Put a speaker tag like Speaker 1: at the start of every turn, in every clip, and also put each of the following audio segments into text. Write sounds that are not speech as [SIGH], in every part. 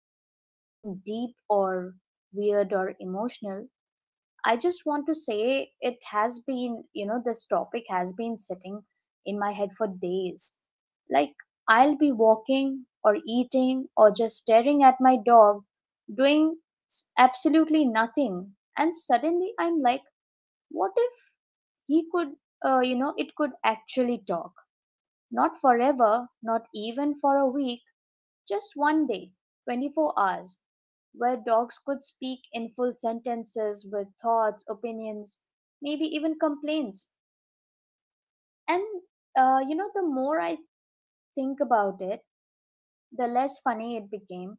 Speaker 1: into anything deep or weird or emotional, I just want to say it has been, you know, this topic has been sitting in my head for days. Like, I'll be walking or eating or just staring at my dog, doing absolutely nothing. And suddenly I'm like, what if he could, you know, it could actually talk? Not forever, not even for a week, just one day, 24 hours, where dogs could speak in full sentences with thoughts, opinions, maybe even complaints. And the more I think about it, the less funny it became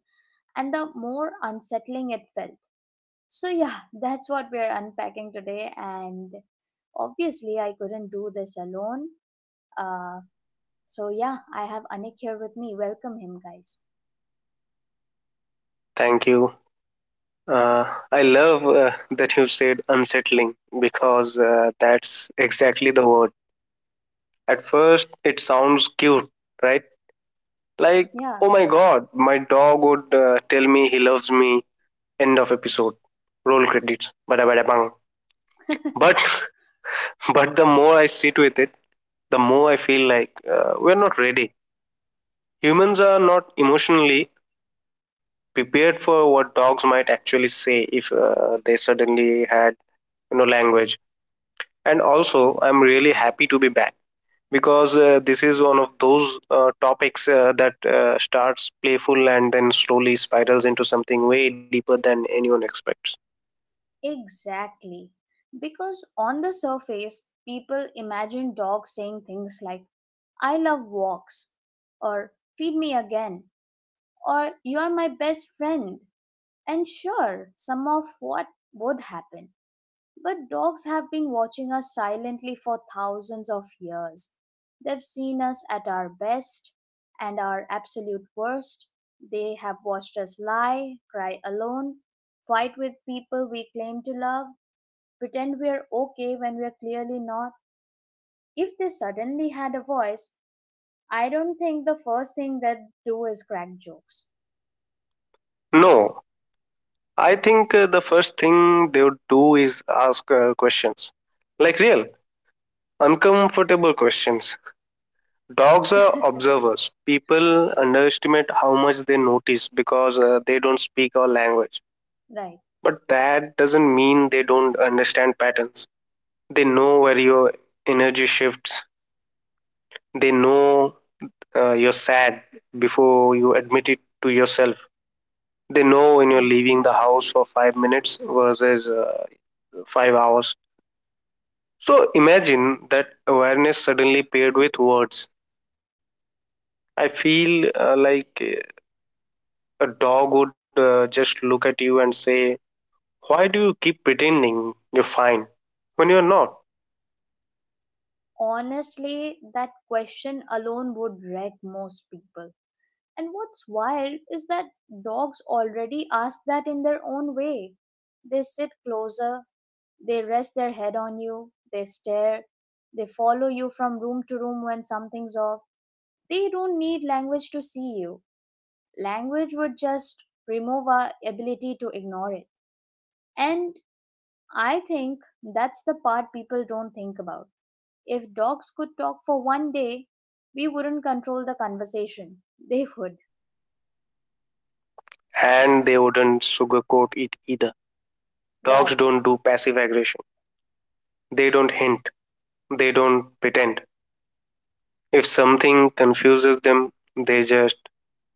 Speaker 1: and the more unsettling it felt. So, yeah, [LAUGHS] that's what we're unpacking today. And obviously, I couldn't do this alone. Uh, so, yeah, I have Anik here with me. Welcome him, guys.
Speaker 2: thank you. Uh, I love that you said unsettling because that's exactly the word. At first, it sounds cute, right? Like,
Speaker 1: Yeah,
Speaker 2: oh my god, my dog would tell me he loves me. End of episode. Roll credits. Bada bada bang. But [LAUGHS] but the more I sit with it, the more I feel like we're not ready. Humans are not emotionally prepared for what dogs might actually say if they suddenly had language. And also I'm really happy to be back because this is one of those topics that starts playful and then slowly spirals into something way deeper than anyone expects.
Speaker 1: exactly. Because on the surface, people imagine dogs saying things like, I love walks, or feed me again, or you are my best friend. And sure, some of what would happen. But dogs have been watching us silently for thousands of years. They've seen us at our best and our absolute worst. They have watched us lie, cry alone, fight with people we claim to love, pretend we're okay when we're clearly not. If they suddenly had a voice, I don't think the first thing they'd do is crack jokes.
Speaker 2: No, I think the first thing they would do is ask questions, like real uncomfortable questions. Dogs are
Speaker 1: [LAUGHS]
Speaker 2: observers. People underestimate how much they notice because they don't speak our language,
Speaker 1: Right.
Speaker 2: but that doesn't mean they don't understand patterns. They know where your energy shifts. They know you're sad before you admit it to yourself. They know when you're
Speaker 1: Hmm.
Speaker 2: leaving the house for 5 minutes versus 5 hours. So imagine that awareness suddenly paired with words. I feel like a dog would just look at you and say, why do you keep pretending you're fine when you're not?
Speaker 1: Honestly, that question alone would wreck most people. And what's wild is that dogs already ask that in their own way. They sit closer, they rest their head on you, they stare, they follow you from room to room when something's off. They don't need language to see you. Language would just remove our ability to ignore it. And I think that's the part people don't think about. If dogs could talk for one day, we wouldn't control the conversation. [LAUGHS] They would.
Speaker 2: And they wouldn't sugarcoat it either.
Speaker 1: Right,
Speaker 2: Dogs don't do passive aggression. They don't hint. They don't pretend. If something confuses them, they just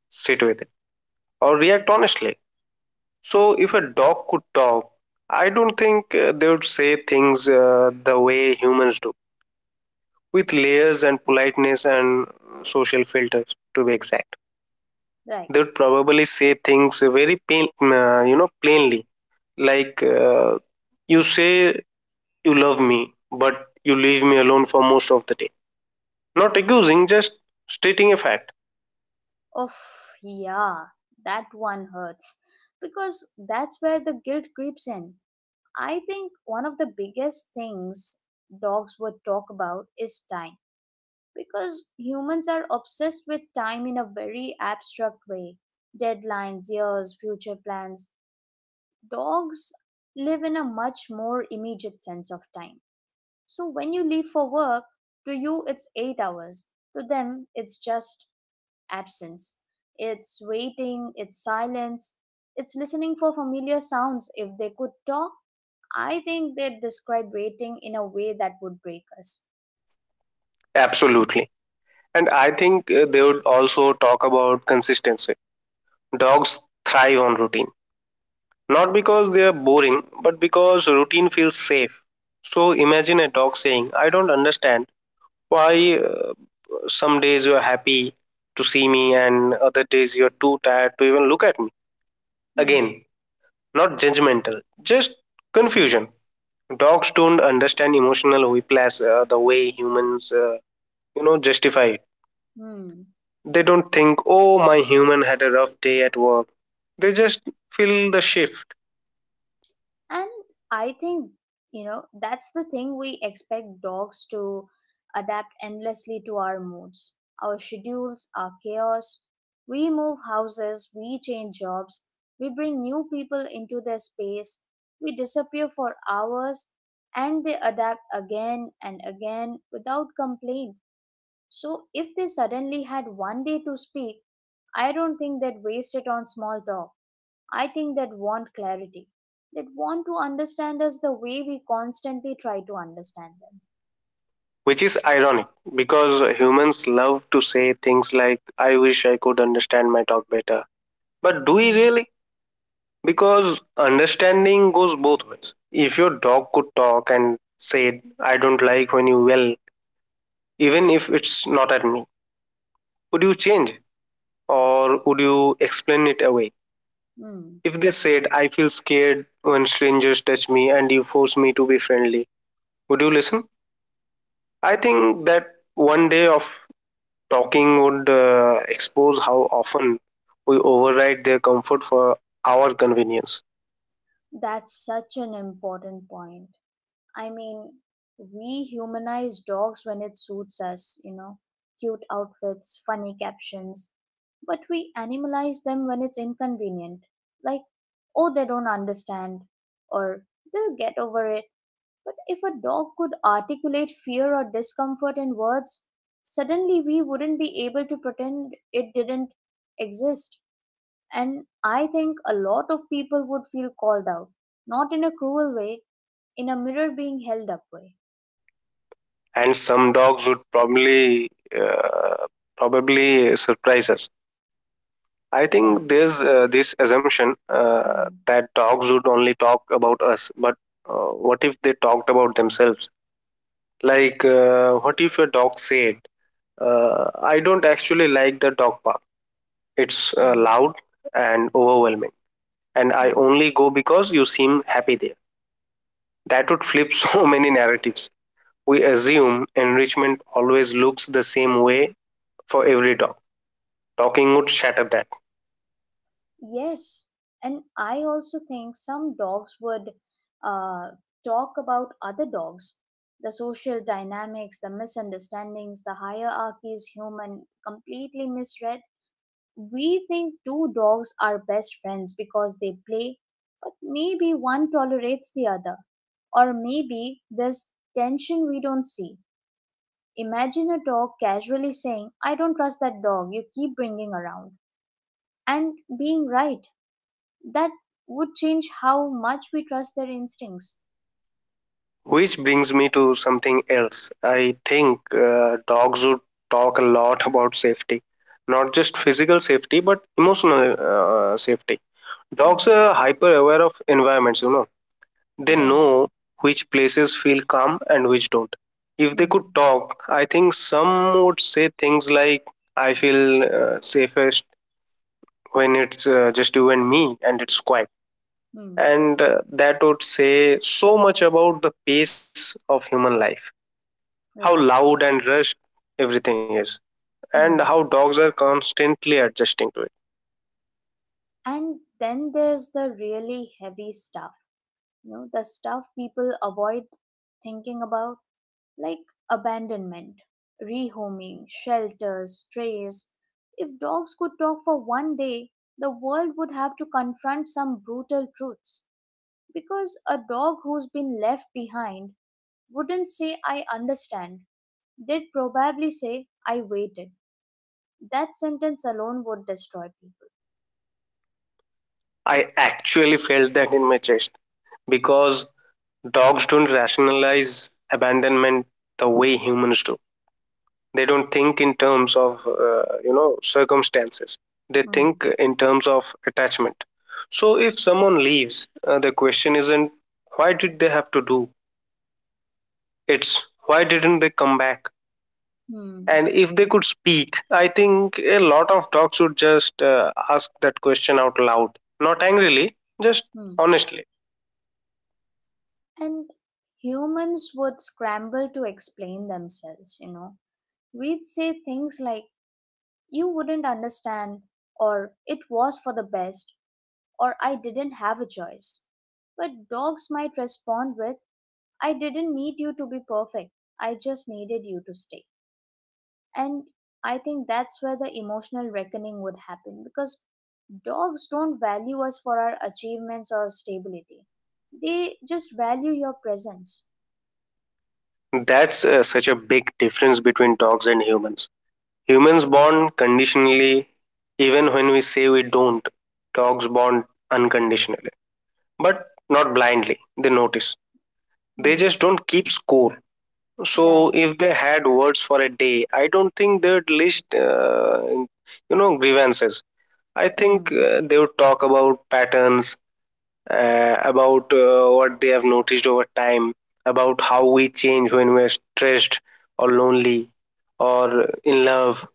Speaker 2: sit with it or react honestly. So, if a dog could talk, I don't think they would say things the way humans do, with layers and politeness and social filters, to be exact.
Speaker 1: right.
Speaker 2: They would probably say things very plain, plainly, like you say you love me, but you leave me alone for most of the day. Not accusing, just stating a fact.
Speaker 1: Oh, yeah, that one hurts. Because that's where the guilt creeps in. I think one of the biggest things dogs would talk about is time, because humans are obsessed with time in a very abstract way: deadlines, years, future plans. Dogs live in a much more immediate sense of time. So when you leave for work, to you it's 8 hours, to them it's just absence. It's waiting, it's silence, it's listening for familiar sounds. If they could talk, I think they'd describe waiting in a way that would break us.
Speaker 2: Absolutely. And I think they would also talk about consistency. Dogs thrive on routine, not because they are boring, but because routine feels safe. So imagine a dog saying, I don't understand why some days you are happy to see me and other days you are too tired to even look at me.
Speaker 1: Hmm,
Speaker 2: Again, not judgmental, just confusion. Dogs don't understand emotional whiplash the way humans, justify it.
Speaker 1: hmm.
Speaker 2: They don't think, oh, my human had a rough day at work. They just fill the shift,
Speaker 1: And I think that's the thing. We expect dogs to adapt endlessly to our moods, our schedules, our chaos. We move houses, we change jobs, we bring new people into their space, we disappear for hours, and they adapt again and again without complaint. So if they suddenly had one day to speak, I don't think they'd waste it on small talk. I think that want clarity, that want to understand us the way we constantly try to understand
Speaker 2: which is ironic because humans love to say things like, I wish I could understand my dog better. But do we
Speaker 1: them.
Speaker 2: really? Because understanding goes both ways. If your dog could talk and said, I don't like when you yell, even if it's not at me, would you change it? Or would you explain it away?
Speaker 1: Hmm. Hmm.
Speaker 2: If they said, I feel scared when strangers touch me and you force me to be friendly, would you listen? I think that one day of talking would expose how often we override their comfort for our convenience.
Speaker 1: That's such an important point. I mean, we humanize dogs when it suits us, you know, cute outfits, funny captions, but we animalize them when it's inconvenient. Like, oh, they don't understand, or they'll get over it. But if a dog could articulate fear or discomfort in words, suddenly we wouldn't be able to pretend it didn't exist. And I think a lot of people would feel called out, not in a cruel way, in a mirror being held up way.
Speaker 2: And some dogs would uh, probably surprise us. I think
Speaker 1: Yeah.
Speaker 2: there's this assumption
Speaker 1: Hmm.
Speaker 2: that dogs would only talk about us, but what if they talked about themselves? Like, what if a dog said, "I don't actually like the dog park. It's
Speaker 1: Hmm.
Speaker 2: loud and overwhelming. And I
Speaker 1: Hmm.
Speaker 2: only go because you seem happy there." That would flip [LAUGHS] so many narratives. We assume enrichment always looks the same way for every dog. Talking would shatter that.
Speaker 1: Yes, and I also think some dogs would uh, talk about other dogs, the social dynamics, the misunderstandings, the hierarchies human completely misread. We think two dogs are best friends because they play, but maybe one tolerates the other, or maybe there's tension we don't see. Imagine a dog casually saying, I don't trust that dog you keep bringing around, and being right. That would change how much we trust their instincts.
Speaker 2: Which brings me to something else. I think dogs would talk a lot about safety, not just physical safety, but emotional safety. Dogs
Speaker 1: Hmm.
Speaker 2: are hyper aware of environments, you know. They
Speaker 1: Yeah.
Speaker 2: know which places feel calm and which don't. If they could
Speaker 1: Hmm.
Speaker 2: talk, I think some would say things like, I feel safest when it's just you and me and it's quiet.
Speaker 1: Hmm.
Speaker 2: And that would say so much about the pace of human life, how
Speaker 1: Right.
Speaker 2: loud and rushed everything is, and
Speaker 1: Hmm.
Speaker 2: how dogs are constantly adjusting to it.
Speaker 1: And then there's the really heavy stuff. You know, the stuff people avoid thinking about, like abandonment, rehoming, shelters, strays. If dogs could talk for one day, the world would have to confront some brutal truths. Because a dog who's been left behind wouldn't say, I understand. They'd probably say, I waited. That sentence alone would destroy people.
Speaker 2: I actually felt that in my chest because dogs don't rationalize abandonment the way humans do. They don't think in terms of circumstances. They
Speaker 1: Hmm.
Speaker 2: think in terms of attachment. So if someone leaves, the question isn't why did they have to do, it's why didn't they come back?
Speaker 1: Hmm.
Speaker 2: And if they could speak, I think a lot of dogs would just ask that question out loud, not angrily, just
Speaker 1: Hmm.
Speaker 2: honestly.
Speaker 1: And humans would scramble to explain themselves, you know. We'd say things like, you wouldn't understand, or it was for the best, or I didn't have a choice. But dogs might respond with, I didn't need you to be perfect. I just needed you to stay. And I think that's where the emotional reckoning would happen, because dogs don't value us for our achievements or stability. They just value your presence.
Speaker 2: That's such a big difference between dogs and humans. Humans bond conditionally even when we say we don't. Dogs bond unconditionally, but not blindly. They notice. They
Speaker 1: Hmm,
Speaker 2: just don't keep score. So
Speaker 1: right.
Speaker 2: if they had words for a day, I don't think they'd list, grievances. I think
Speaker 1: Hmm.
Speaker 2: they would talk about patterns, about what they have noticed over time, about how we change when we're stressed or lonely or in love.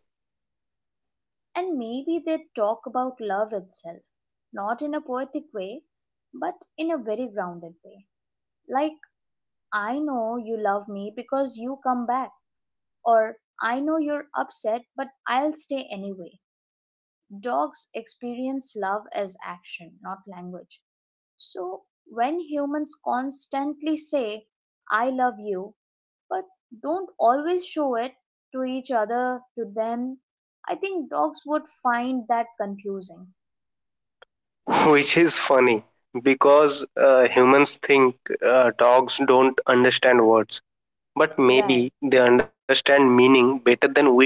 Speaker 1: And maybe they talk about love itself, not in a poetic way, but in a very grounded way. Like, I know you love me because you come back, or I know you're upset, but I'll stay anyway. Dogs experience love as action, not language. So, when humans constantly say, I love you, but don't always show it to each other, to them, I think dogs would find that confusing.
Speaker 2: [LAUGHS] Which is funny because humans think dogs don't understand words, but
Speaker 1: Right,
Speaker 2: maybe they understand meaning better than we do.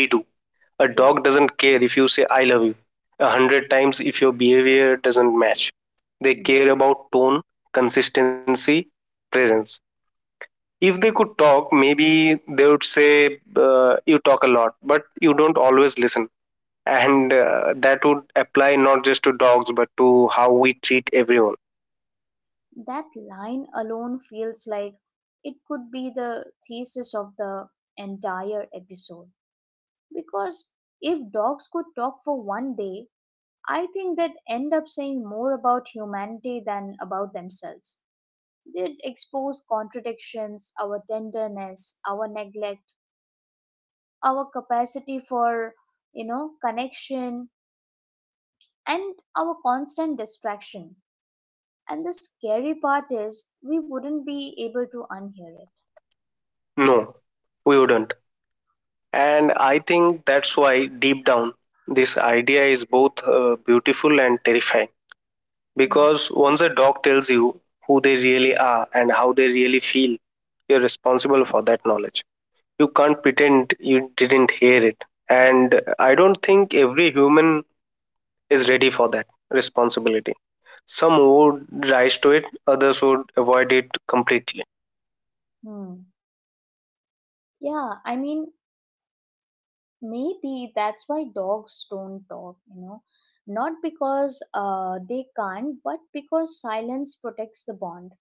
Speaker 2: A dog
Speaker 1: true.
Speaker 2: doesn't care if you say I love you 100 times if your behavior doesn't match. They
Speaker 1: Hmm.
Speaker 2: care about tone, consistency, presence. If they could talk, maybe they would say, you talk a lot but you don't always listen. And that would apply not just to dogs but to how we treat everyone.
Speaker 1: That line alone feels like it could be the thesis of the entire episode. Because if dogs could talk for one day, I think they'd end up saying more about humanity than about themselves. They expose contradictions, our tenderness, our neglect, our capacity for connection, and our constant distraction. And the scary part is we wouldn't be able to unhear it.
Speaker 2: No, we wouldn't. And I think that's why, deep down, this idea is both beautiful and terrifying.
Speaker 1: Hmm.
Speaker 2: Because once a dog tells you who they really are and how they really feel, you're responsible for that knowledge. You can't pretend you didn't hear it. And I don't think every human is ready for that responsibility. Some would rise to it, others would avoid it completely.
Speaker 1: Hmm. Yeah, I mean, maybe that's why dogs don't talk, you know, not because they can't, but because silence protects the bond,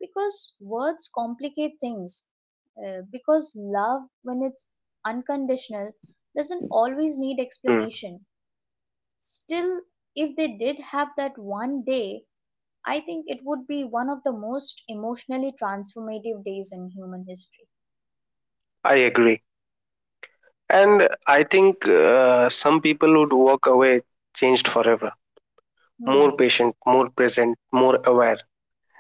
Speaker 1: because words complicate things. Because love, when it's unconditional, doesn't always need
Speaker 2: Hmm.
Speaker 1: explanation. Still, if they did have that one day, I think it would be one of the most emotionally transformative days in human history.
Speaker 2: I agree. And I think some people would walk away changed forever, more
Speaker 1: Hmm,
Speaker 2: patient, more present, more aware.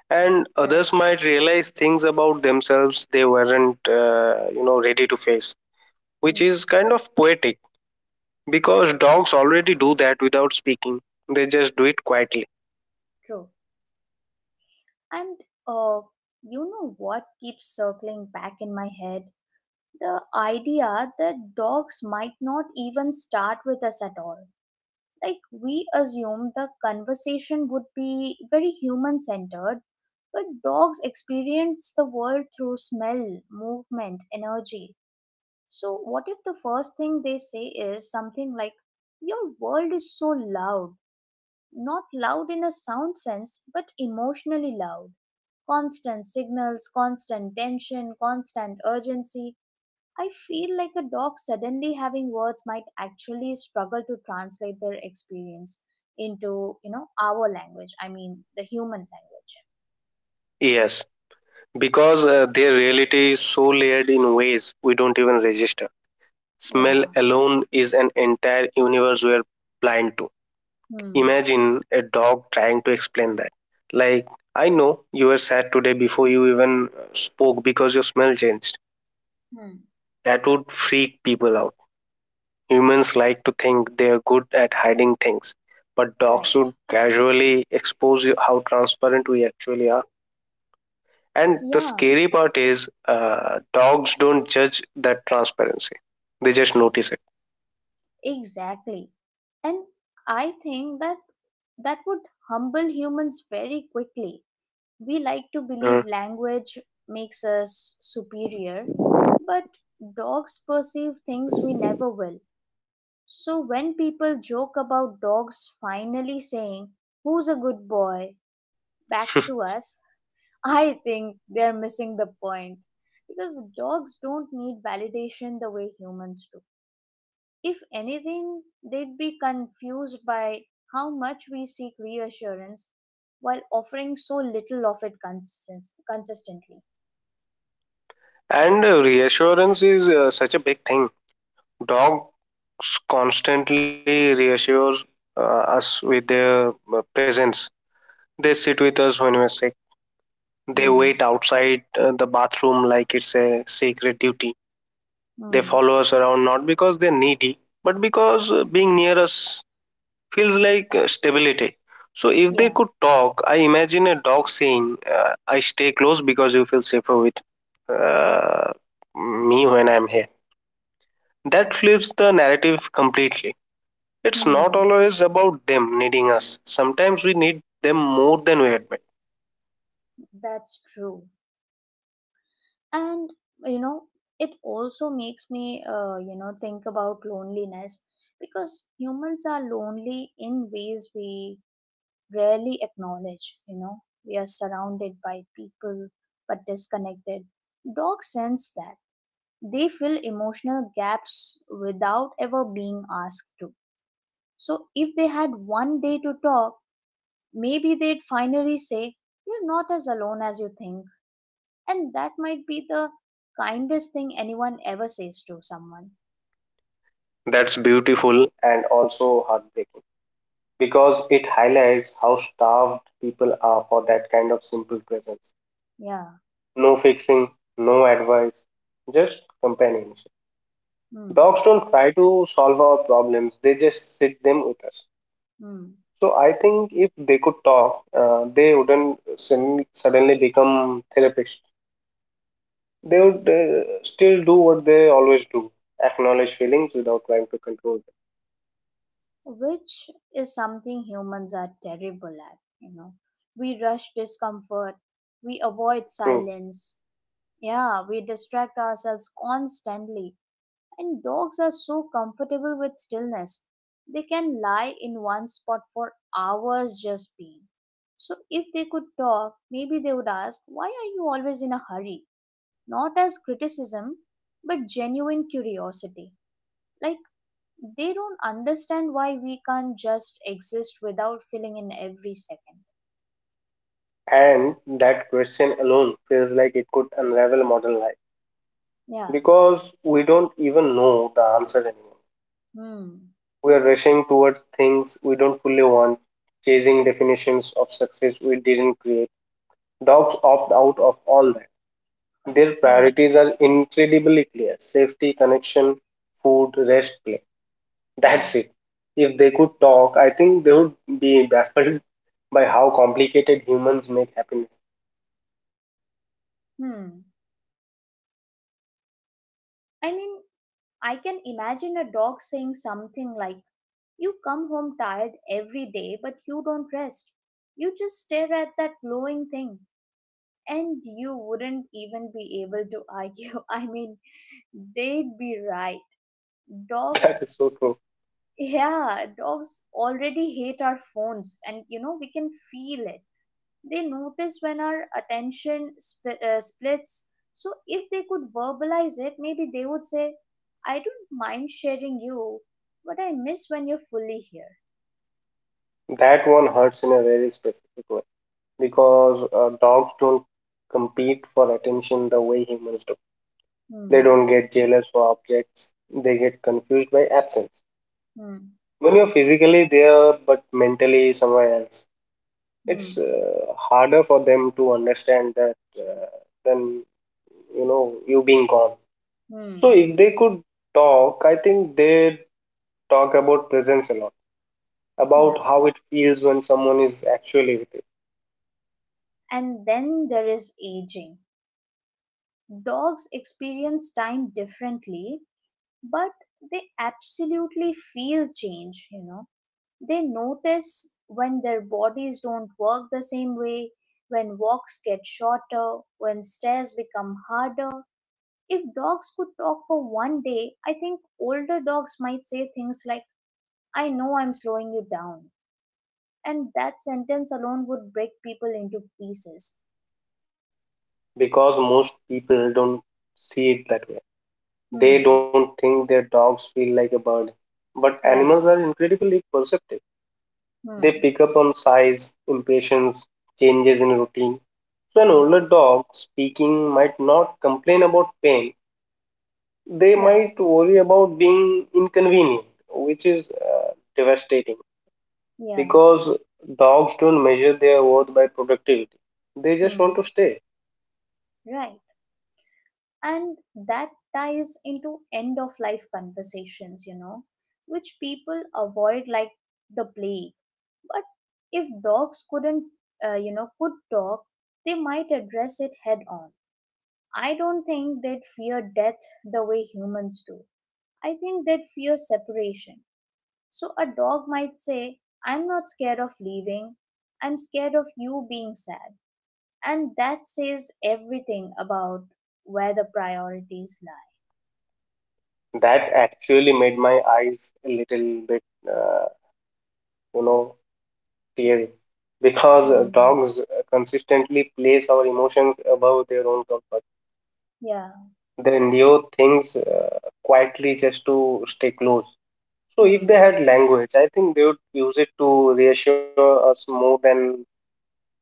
Speaker 2: And
Speaker 1: right.
Speaker 2: others might realize things about themselves they weren't, ready to face, which
Speaker 1: Hmm,
Speaker 2: is kind of poetic because dogs already do that without speaking. They just do it quietly.
Speaker 1: true. And, uh, you know what keeps circling back in my head? The idea that dogs might not even start with us at all. Like, we assume the conversation would be very human centered, but dogs experience the world through smell, movement, energy. So, what if the first thing they say is something like, your world is so loud? Not loud in a sound sense, but emotionally loud. Constant signals, constant tension, constant urgency. I feel like a dog suddenly having words might actually struggle to translate their experience into our language. I mean, the human language.
Speaker 2: Yes, because their reality is so layered in ways we don't even register. Smell
Speaker 1: Yeah.
Speaker 2: alone is an entire universe we are blind to.
Speaker 1: Hmm.
Speaker 2: Imagine a dog trying to explain that. Like, I know you were sad today before you even spoke because your smell changed.
Speaker 1: Hmm.
Speaker 2: That would freak people out. Humans like to think they are good at hiding things, but dogs
Speaker 1: Right.
Speaker 2: would casually expose you, how transparent we actually are. And the
Speaker 1: Yeah,
Speaker 2: scary part is, dogs don't judge that transparency; they just notice it.
Speaker 1: exactly. And I think that that would humble humans very quickly. We like to believe
Speaker 2: Mm.
Speaker 1: language makes us superior, but dogs perceive things we never will. So when people joke about dogs finally saying, who's a good boy? Back to
Speaker 2: [LAUGHS]
Speaker 1: us, [LAUGHS] I think they're missing the point. Because dogs don't need validation the way humans do. If anything, they'd be confused by how much we seek reassurance while offering so little of it consistence consistently.
Speaker 2: And reassurance is such a big thing. Dogs constantly reassure us with their presence. They sit with us when we're sick. They
Speaker 1: Hmm.
Speaker 2: wait outside the bathroom like it's a sacred duty. They
Speaker 1: Hmm.
Speaker 2: follow us around not because they're needy, but because being near us feels like stability. So, if they
Speaker 1: Yeah.
Speaker 2: could talk, I imagine a dog saying, I stay close because you feel safer with uh, me when I'm here. That flips the narrative completely. It's not
Speaker 1: Hmm.
Speaker 2: always about them needing us. Sometimes we need them more than we admit.
Speaker 1: That's true. And, you know, it also makes me think about loneliness, because humans are lonely in ways we rarely acknowledge. You know, we are surrounded by people, but disconnected. Dogs sense that. They fill emotional gaps without ever being asked to. So if they had one day to talk, maybe they'd finally say, you're not as alone as you think, and that might be the kindest thing anyone ever says to someone.
Speaker 2: That's beautiful and also heartbreaking because it highlights how starved people are for that kind of simple presence.
Speaker 1: Yeah.
Speaker 2: No fixing, no advice, just companionship.
Speaker 1: Hmm.
Speaker 2: Dogs don't try to solve our problems, they just sit them with us.
Speaker 1: Hmm.
Speaker 2: So I think if they could talk, they wouldn't suddenly become therapists. They would still do what they always do, acknowledge feelings without trying to control them.
Speaker 1: Which is something humans are terrible at, you know. We rush discomfort, we avoid
Speaker 2: True.
Speaker 1: silence. Yeah, we distract ourselves constantly. And dogs are so comfortable with stillness. They can lie in one spot for hours, just being. So if they could talk, maybe they would ask, why are you always in a hurry? Not as criticism, but genuine curiosity. Like, they don't understand why we can't just exist without filling in every second.
Speaker 2: And that question alone feels like it could unravel modern life
Speaker 1: Yeah.
Speaker 2: because we don't even know the answer anymore.
Speaker 1: Hmm.
Speaker 2: We are rushing towards things we don't fully want, chasing definitions of success we didn't create. Dogs opt out of all that. Their
Speaker 1: Hmm.
Speaker 2: priorities are incredibly clear: safety, connection, food, rest, play. That's
Speaker 1: Yeah.
Speaker 2: it. If they could talk, I think they would be baffled [LAUGHS] by how complicated humans make happiness.
Speaker 1: Hmm. I mean, I can imagine a dog saying something like, you come home tired every day, but you don't rest. You just stare at that glowing thing, and you wouldn't even be able to argue. [LAUGHS] I mean, they'd be right.
Speaker 2: [LAUGHS] That
Speaker 1: Dogs.
Speaker 2: is so true.
Speaker 1: Yeah, dogs already hate our phones, and you know, we can feel it. They notice when our attention splits. So, if they could verbalize it, maybe they would say, I don't mind sharing you, but I miss when you're fully here.
Speaker 2: That one hurts in a very specific way because dogs don't compete for attention the way humans do. They
Speaker 1: Hmm,
Speaker 2: don't get jealous for objects, they get confused by absence.
Speaker 1: hmm,
Speaker 2: When you're physically there but mentally somewhere else,
Speaker 1: hmm,
Speaker 2: it's harder for them to understand that than you know you being gone. So
Speaker 1: hmm.
Speaker 2: if they could talk, I think they talk about presence a lot,
Speaker 1: Yeah.
Speaker 2: about how it feels when someone is actually with it.
Speaker 1: And then there is aging. Dogs experience time differently, but they absolutely feel change, you know. They notice when their bodies don't work the same way, when walks get shorter, when stairs become harder. If dogs could talk for one day, I think older dogs might say things like, I know I'm slowing you down. And that sentence alone would break people into pieces.
Speaker 2: Because most people don't see it that way.
Speaker 1: Hmm,
Speaker 2: They don't think their dogs feel like a burden. But
Speaker 1: right.
Speaker 2: animals are incredibly perceptive. They
Speaker 1: Hmm,
Speaker 2: pick up on size, impatience, changes in routine. So an
Speaker 1: hmm.
Speaker 2: older dog speaking might not complain about pain. They
Speaker 1: Yeah,
Speaker 2: might worry about being inconvenient, which is devastating
Speaker 1: yeah,
Speaker 2: because dogs don't measure their worth by productivity. They just
Speaker 1: hmm,
Speaker 2: want to stay.
Speaker 1: right. And that ties into end of life conversations, which people avoid like the plague. But if dogs couldn't you know could talk, they might address it head on. I don't think they'd fear death the way humans do. I think they'd fear separation. So a dog might say, I'm not scared of leaving, I'm scared of you being sad. And that says everything about where the priorities lie.
Speaker 2: That actually made my eyes a little bit, you know, teary because
Speaker 1: Hmm.
Speaker 2: dogs consistently place our emotions above their own comfort.
Speaker 1: Yeah.
Speaker 2: They endure things quietly just to stay close. So, if they
Speaker 1: Hmm.
Speaker 2: had language, I think they would use it to reassure us more than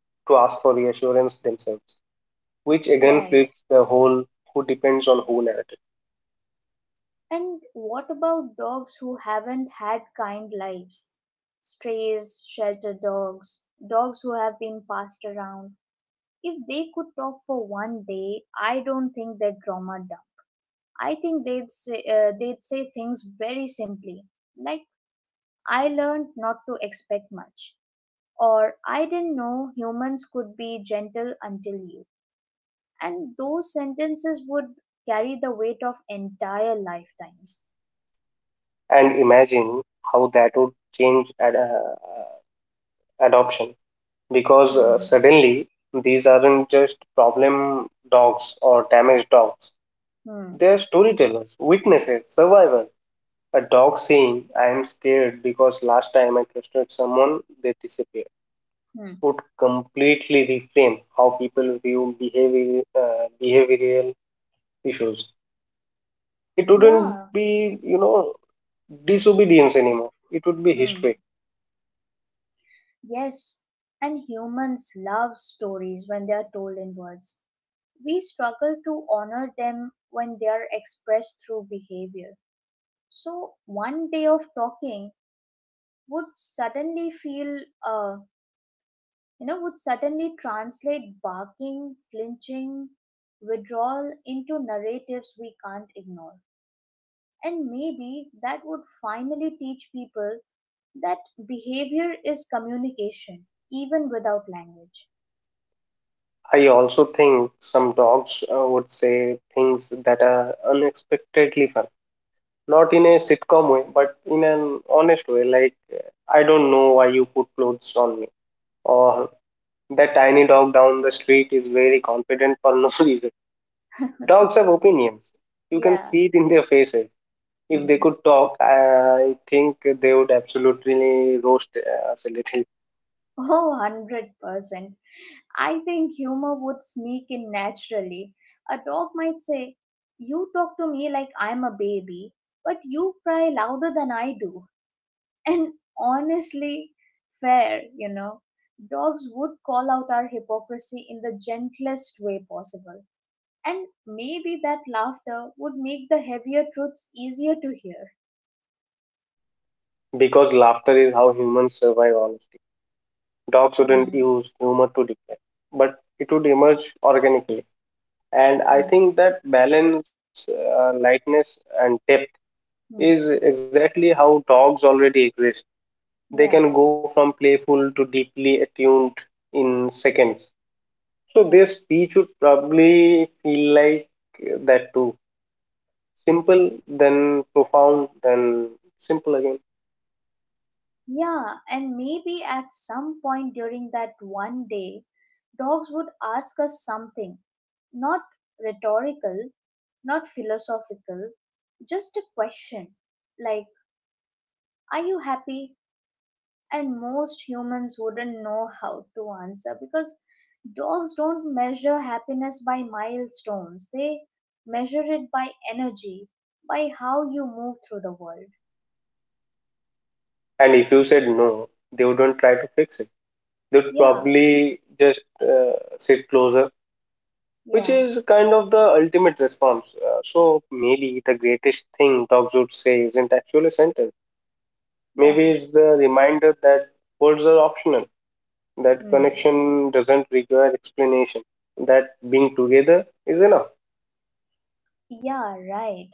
Speaker 2: to ask for reassurance themselves, which again
Speaker 1: Right.
Speaker 2: flips the whole who depends on who narrative.
Speaker 1: And what about dogs who haven't had kind lives? Strays, shelter dogs, dogs who have been passed around. If they could talk for one day, I don't think they'd drama down. I think they'd say things very simply, like "I learned not to expect much," or "I didn't know humans could be gentle until you." And those sentences would carry the weight of entire lifetimes.
Speaker 2: And imagine how that would change adoption because
Speaker 1: Hmm.
Speaker 2: suddenly these aren't just problem dogs or damaged dogs,
Speaker 1: Hmm.
Speaker 2: they're storytellers, witnesses, survivors. A dog saying, "I am scared because last time I trusted someone they disappeared,"
Speaker 1: Hmm.
Speaker 2: would completely reframe how people view behavioral issues. It wouldn't
Speaker 1: Yeah.
Speaker 2: be, you know disobedience anymore. It would be
Speaker 1: Hmm.
Speaker 2: history.
Speaker 1: Yes. And humans love stories when they are told in words. We struggle to honor them when they are expressed through behavior. So one day of talking would suddenly feel, uh, you know, would suddenly translate barking, flinching, withdrawal into narratives we can't ignore. And maybe that would finally teach people that behavior is communication, even without language.
Speaker 2: I also think some dogs would say things that are unexpectedly fun. Not in a sitcom way, but in an honest way, like, I don't know why you put clothes on me. Or that tiny dog down the street is very confident for no [LAUGHS] reason. Dogs have opinions. You can
Speaker 1: Yeah.
Speaker 2: see it in their faces. If they
Speaker 1: Hmm.
Speaker 2: could talk, I think they would absolutely roast us a little,
Speaker 1: Oh, 100%. I think humor would sneak in naturally. A dog might say, You talk to me like I'm a baby, but you cry louder than I do. [LAUGHS] And honestly, fair. Dogs would call out our hypocrisy in the gentlest way possible. And maybe that laughter would make the heavier truths easier to hear.
Speaker 2: because laughter is how humans survive, honestly. Dogs would not
Speaker 1: Hmm.
Speaker 2: use humor to declare, but it would emerge organically. And I
Speaker 1: Hmm.
Speaker 2: think that balance, lightness, and depth
Speaker 1: Hmm.
Speaker 2: is exactly how dogs already exist.
Speaker 1: Yeah.
Speaker 2: They can go from playful to deeply attuned in seconds. So
Speaker 1: Yeah.
Speaker 2: their speech would probably feel like that too. Simple, then profound, then simple again.
Speaker 1: Yeah. And maybe at some point during that one day, dogs would ask us something, not rhetorical, not philosophical, just a question like, Are you happy? And most humans wouldn't know how to answer because dogs don't measure happiness by milestones, they measure it by energy, by how you move through the world.
Speaker 2: And if you said no, they wouldn't try to fix it. They would
Speaker 1: Yeah,
Speaker 2: probably just sit closer, which
Speaker 1: yeah,
Speaker 2: is kind of the ultimate response. So maybe the greatest thing dogs would say isn't actually a sentence.
Speaker 1: yeah.
Speaker 2: Maybe it's the reminder that words are optional, that
Speaker 1: Hmm.
Speaker 2: connection doesn't require explanation, that being together is enough.
Speaker 1: Yeah, right.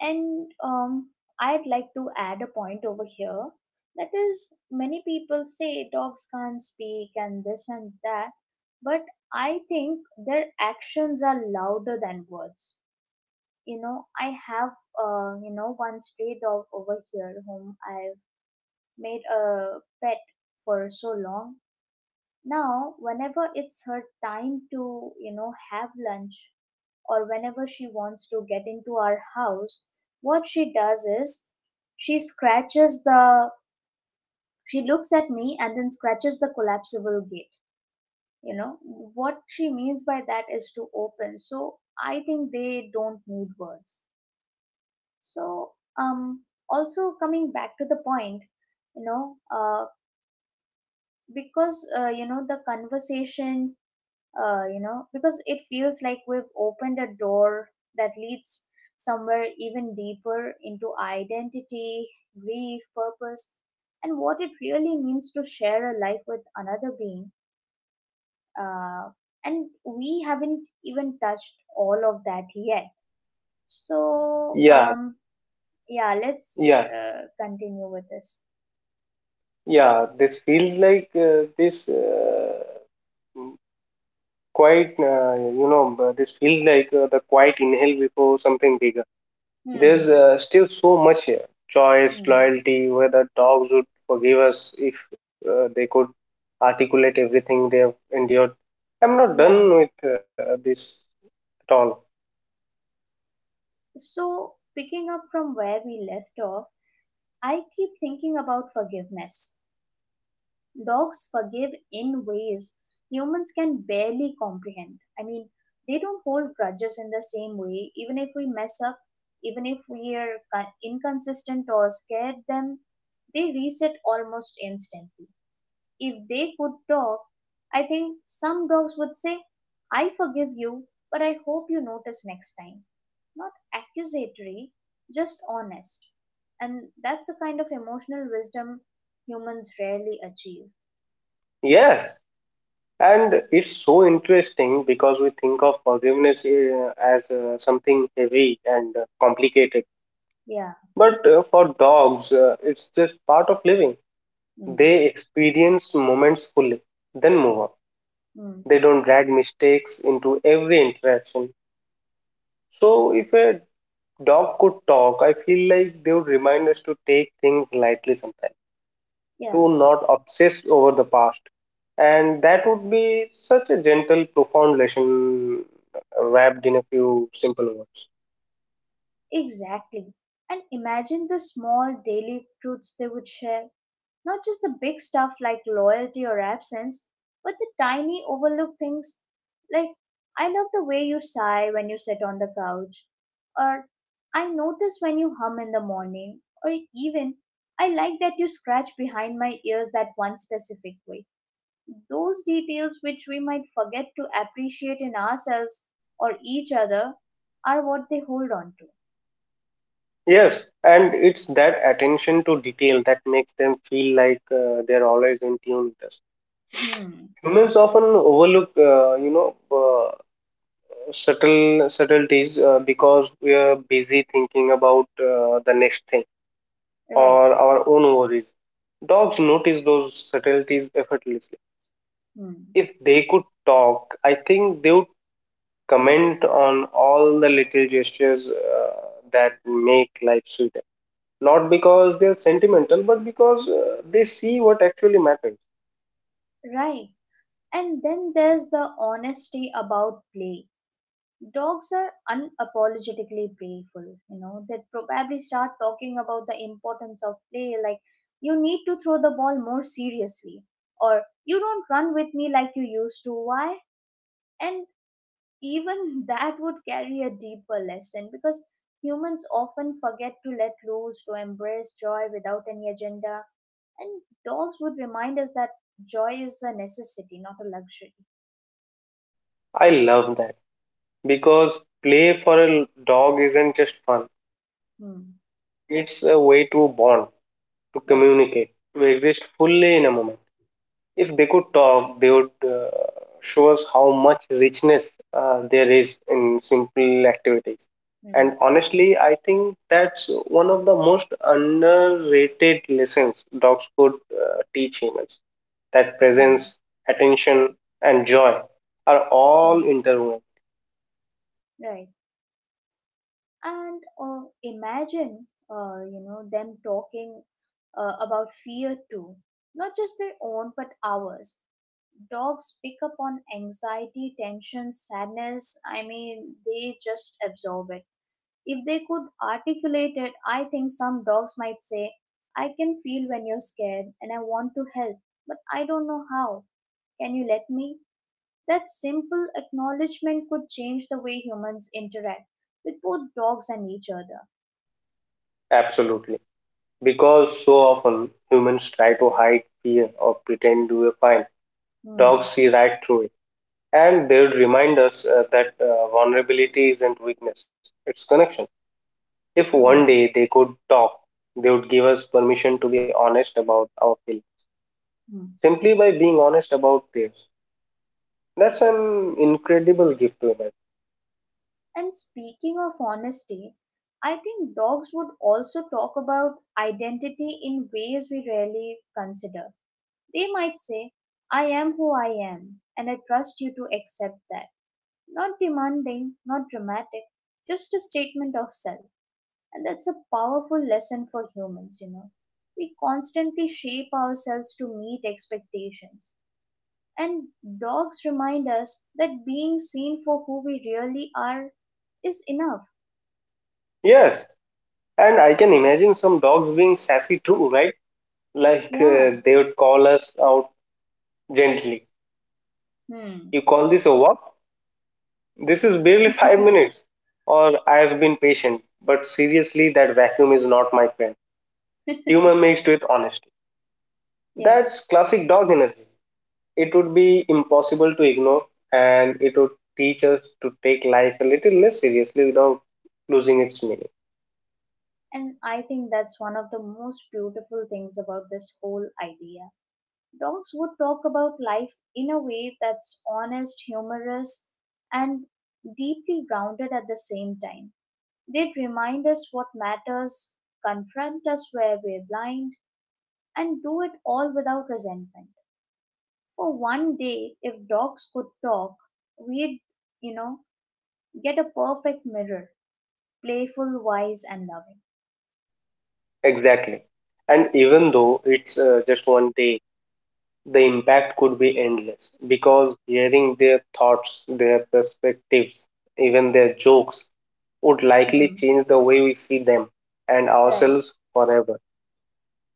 Speaker 1: And I'd like to add a point over here. That is, many people say dogs can't speak and this and that, but I think their actions are louder than words. You know, I have, one stray dog over here whom I've made a pet for so long. Now, whenever it's her time to, you know, have lunch, or whenever she wants to get into our house, what she does is she scratches the she looks at me and then scratches the collapsible gate. You know, what she means by that is to open. So I think they don't need words. So um also coming back to the point, you know because you know the conversation you know, because it feels like we've opened a door that leads somewhere even deeper into identity, grief, purpose, and what it really means to share a life with another being. Uh, and we haven't even touched all of that yet. So,
Speaker 2: Yeah,
Speaker 1: yeah, let's
Speaker 2: yeah,
Speaker 1: continue with this.
Speaker 2: yeah. This feels like this. Quite you know this feels like the quiet inhale before something bigger. There's
Speaker 1: Hmm.
Speaker 2: still so much here: choice,
Speaker 1: Hmm.
Speaker 2: loyalty, whether dogs would forgive us if they could articulate everything they have endured. I'm not done
Speaker 1: Yeah.
Speaker 2: with this at all.
Speaker 1: So, picking up from where we left off, I keep thinking about forgiveness. Dogs forgive in ways humans can barely comprehend. I mean, they don't hold grudges in the same way. Even if we mess up, even if we are inconsistent or scared them, they reset almost instantly. If they could talk, I think some dogs would say, I forgive you, but I hope you notice next time. Not accusatory, just honest. And that's a kind of emotional wisdom humans rarely achieve.
Speaker 2: Yes, and it's so interesting because we think of forgiveness as something heavy and complicated.
Speaker 1: Yeah.
Speaker 2: But for dogs, it's just part of living.
Speaker 1: Mm,
Speaker 2: They experience moments fully, then move on.
Speaker 1: mm,
Speaker 2: They don't drag mistakes into every interaction. So, if a dog could talk, I feel like they would remind us to take things lightly sometimes,
Speaker 1: yeah,
Speaker 2: to not obsess over the past. And that would be such a gentle, profound lesson wrapped in a few simple words.
Speaker 1: exactly. And imagine the small daily truths they would share. Not just the big stuff like loyalty or absence, but the tiny overlooked things like, I love the way you sigh when you sit on the couch, or I notice when you hum in the morning, or even I like that you scratch behind my ears that one specific way. Those details, which we might forget to appreciate in ourselves or each other, are what they hold on to.
Speaker 2: Yes, and it's that attention to detail that makes them feel like they're always in tune with us.
Speaker 1: Hmm,
Speaker 2: Humans often overlook, subtle subtleties because we are busy thinking about the next thing
Speaker 1: right.
Speaker 2: or our own worries. Dogs notice those subtleties effortlessly.
Speaker 1: Hmm,
Speaker 2: If they could talk, I think they would comment on all the little gestures that make life sweeter. Not because they're sentimental, but because they see what actually matters.
Speaker 1: right. And then there's the honesty about play. Dogs are unapologetically playful. You know, they probably start talking about the importance of play, like you need to throw the ball more seriously, or you don't run with me like you used to. Why? And even that would carry a deeper lesson because humans often forget to let loose, to embrace joy without any agenda, and dogs would remind us that joy is a necessity, not a luxury.
Speaker 2: I love that, because play for a dog isn't just fun,
Speaker 1: Hmm.
Speaker 2: it's a way to bond, to
Speaker 1: Right.
Speaker 2: communicate, to exist fully in a moment. If they could talk, they would show us how much richness there is in simple activities. And
Speaker 1: Hmm.
Speaker 2: honestly, I think that's one of the most underrated lessons dogs could teach humans. That
Speaker 1: Hmm.
Speaker 2: presence, attention, and joy are
Speaker 1: Hmm.
Speaker 2: all interwoven.
Speaker 1: Right. And imagine, them talking about fear too, not just their own but ours. Dogs pick up on anxiety, tension, sadness. I mean, they just absorb it. If they could articulate it, I think some dogs might say, I can feel when you're scared and I want to help, but I don't know how. Can you let me? That simple acknowledgement could change the way humans interact with both dogs and each other.
Speaker 2: Absolutely. Because so often humans try to hide fear or pretend we are fine.
Speaker 1: Hmm,
Speaker 2: Dogs see right through it, and they would remind us that vulnerability isn't weakness, it's connection. If one
Speaker 1: hmm,
Speaker 2: day they could talk, they would give us permission to be honest about our feelings
Speaker 1: hmm.
Speaker 2: simply by being honest about theirs. That's an incredible gift to imagine.
Speaker 1: And speaking of honesty, I think dogs would also talk about identity in ways we rarely consider. They might say, I am who I am, and I trust you to accept that. Not demanding, not dramatic, just a statement of self. And that's a powerful lesson for humans, you know. We constantly shape ourselves to meet expectations. And dogs remind us that being seen for who we really are is enough.
Speaker 2: Yes, and I can imagine some dogs being sassy too, right? Like,
Speaker 1: Yeah.
Speaker 2: they would call us out gently. "You
Speaker 1: Hmm.
Speaker 2: call this a walk? This is barely 5 minutes." Or, "I have been patient, but seriously, that vacuum is not my friend." Humor mixed with honesty.
Speaker 1: [LAUGHS] Yeah.
Speaker 2: That's classic dog energy. It would be impossible to ignore, and it would teach us to take life a little less seriously without losing its meaning.
Speaker 1: And I think that's one of the most beautiful things about this whole idea. Dogs would talk about life in a way that's honest, humorous, and deeply grounded at the same time. They'd remind us what matters, confront us where we're blind, and do it all without resentment. For one day, if dogs could talk, we'd, you know, get a perfect mirror, playful, wise, and loving.
Speaker 2: Exactly. And even though it's just one day, the impact could be endless because hearing their thoughts, their perspectives, even their jokes would likely
Speaker 1: Hmm.
Speaker 2: change the way we see them and
Speaker 1: Right,
Speaker 2: ourselves forever.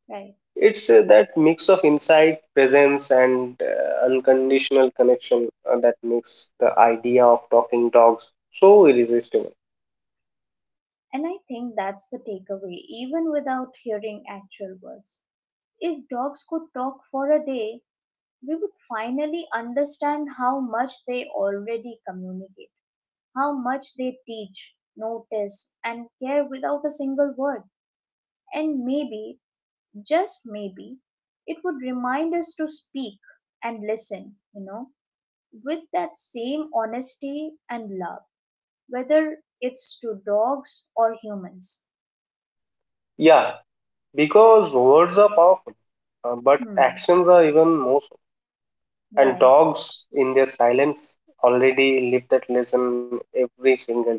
Speaker 1: right.
Speaker 2: It's that mix of insight, presence, and unconditional connection that makes the idea of talking dogs so irresistible.
Speaker 1: And I think that's the takeaway, even without hearing actual words. If dogs could talk for a day, we would finally understand how much they already communicate, how much they teach, notice, and care without a single word. And maybe, just maybe, it would remind us to speak and listen, you know, with that same honesty and love, whether it's to dogs or humans.
Speaker 2: Yeah, because words are powerful, but
Speaker 1: Hmm.
Speaker 2: actions are even more so. And
Speaker 1: Right.
Speaker 2: dogs, in their silence, already live that lesson every single day.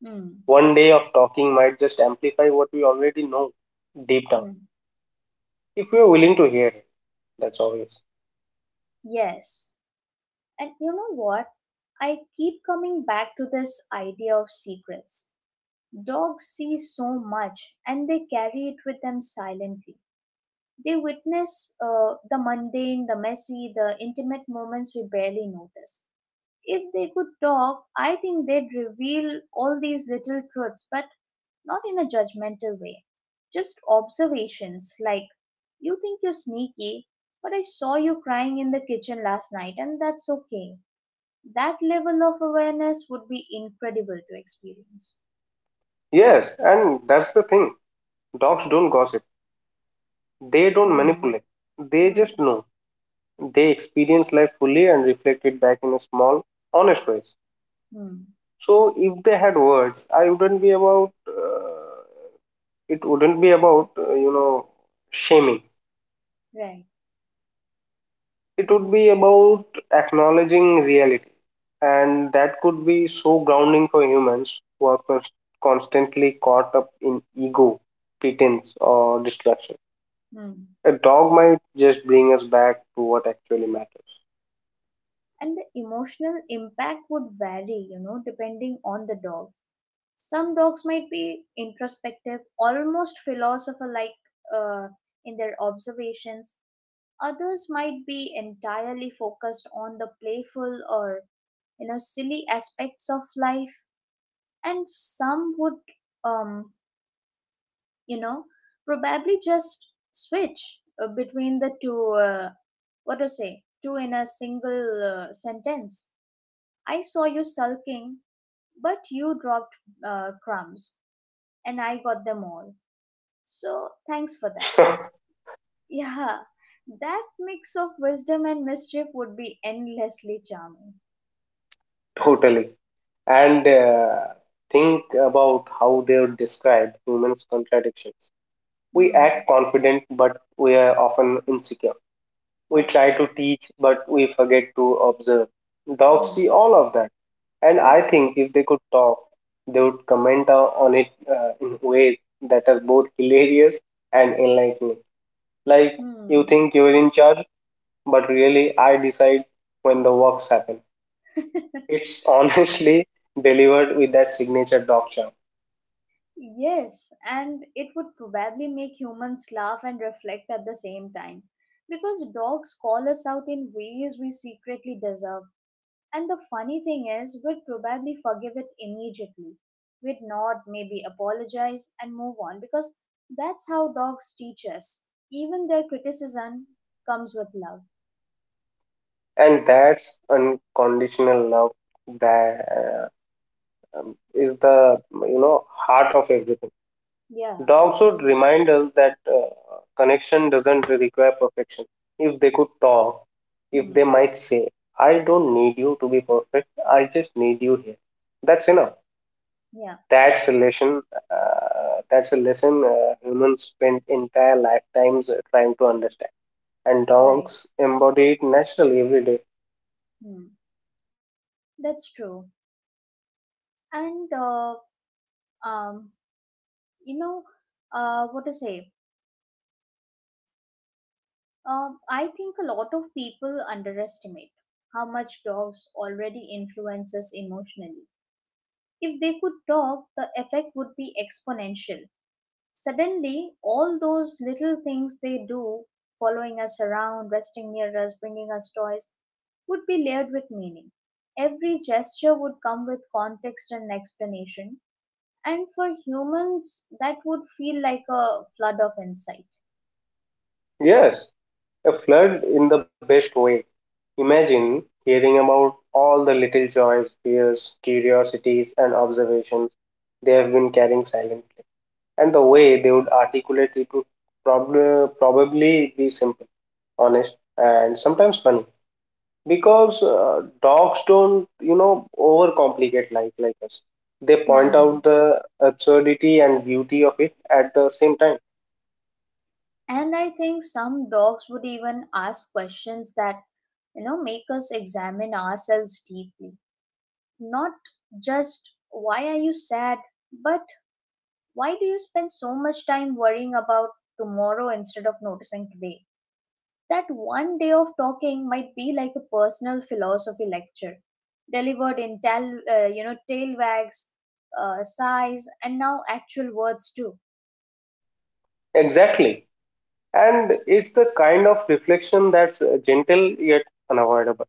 Speaker 1: Hmm.
Speaker 2: One day of talking might just amplify what we already know deep down,
Speaker 1: Hmm.
Speaker 2: if we are willing to hear it. That's obvious.
Speaker 1: Yes. And you know what? I keep coming back to this idea of secrets. Dogs see so much and they carry it with them silently. They witness the mundane, the messy, the intimate moments we barely notice. If they could talk, I think they'd reveal all these little truths, but not in a judgmental way. Just observations like, You think you're sneaky, but I saw you crying in the kitchen last night, and that's okay. That level of awareness would be incredible to experience.
Speaker 2: Yes, and that's the thing. Dogs don't gossip. They don't
Speaker 1: Hmm,
Speaker 2: manipulate, they
Speaker 1: hmm,
Speaker 2: just know. They experience life fully and reflect it back in a small, honest ways.
Speaker 1: hmm,
Speaker 2: So if they had words, I wouldn't be about, it wouldn't be about, shaming.
Speaker 1: right,
Speaker 2: It would be about acknowledging reality. And that could be so grounding for humans who are constantly caught up in ego, pretense, or distraction.
Speaker 1: hmm.
Speaker 2: A dog might just bring us back to what actually matters.
Speaker 1: And the emotional impact would vary, you know, depending on the dog. Some dogs might be introspective, almost philosopher like uh, in their observations. Others might be entirely focused on the playful or, you know, silly aspects of life, and some would um you know probably just switch between the two, what to say two in a single sentence. I saw you sulking but you dropped crumbs and I got them all, so thanks for that. [LAUGHS] Yeah, that mix of wisdom and mischief would be endlessly charming.
Speaker 2: [LAUGHS] Totally. And think about how they would describe humans' contradictions. We
Speaker 1: Hmm.
Speaker 2: act confident, but we are often insecure. We
Speaker 1: Yeah.
Speaker 2: try to teach, but we forget to observe. Dogs see
Speaker 1: Hmm.
Speaker 2: all of that, and I
Speaker 1: Right.
Speaker 2: think if they could talk, they would comment on it in ways that are both hilarious and enlightening. Like, "You
Speaker 1: Hmm.
Speaker 2: think you're in charge, but really I decide when the works happen."
Speaker 1: [LAUGHS]
Speaker 2: It's honestly [LAUGHS] delivered with that signature dog charm.
Speaker 1: Yes, and it would probably make humans laugh and reflect at the same time. Because dogs call us out in ways we secretly deserve. And the funny thing is, we'd probably forgive it immediately. We'd nod, maybe apologize, and move on because that's how dogs teach us. Even their criticism comes with love.
Speaker 2: And that's unconditional love. That is the, heart of everything.
Speaker 1: Yeah,
Speaker 2: Dogs would remind us that connection doesn't require perfection. If they could talk, if they
Speaker 1: hmm,
Speaker 2: might say, "I don't need you to be perfect, I just need you here. That's enough."
Speaker 1: yeah,
Speaker 2: That's a lesson uh, that's a lesson uh, humans spend entire lifetimes trying to understand, and
Speaker 1: right,
Speaker 2: dogs embody it naturally every day.
Speaker 1: hmm, that's true. And, um, you know, what to say? I think a lot of people underestimate how much dogs already influence us emotionally. If they could talk, the effect would be exponential. Suddenly, all those little things they do, following us around, resting near us, bringing us toys, would be layered with meaning. Every gesture would come with context and explanation, and for humans, that would feel like a flood of insight.
Speaker 2: Yes, a flood in the best way. Imagine hearing about all the little joys, fears, curiosities, and observations they have been carrying silently. And the way they would articulate it would probably be simple, honest, and sometimes funny. Because dogs don't, overcomplicate life like us. They point
Speaker 1: Hmm.
Speaker 2: out the absurdity and beauty of it at the same time.
Speaker 1: And I think some dogs would even ask questions that, you know, make us examine ourselves deeply. Not just, why are you sad? But why do you spend so much time worrying about tomorrow instead of noticing today? That one day of talking might be like a personal philosophy lecture, delivered in tail wags, sighs, and now actual words too.
Speaker 2: Exactly, and it's the kind of reflection that's gentle yet unavoidable,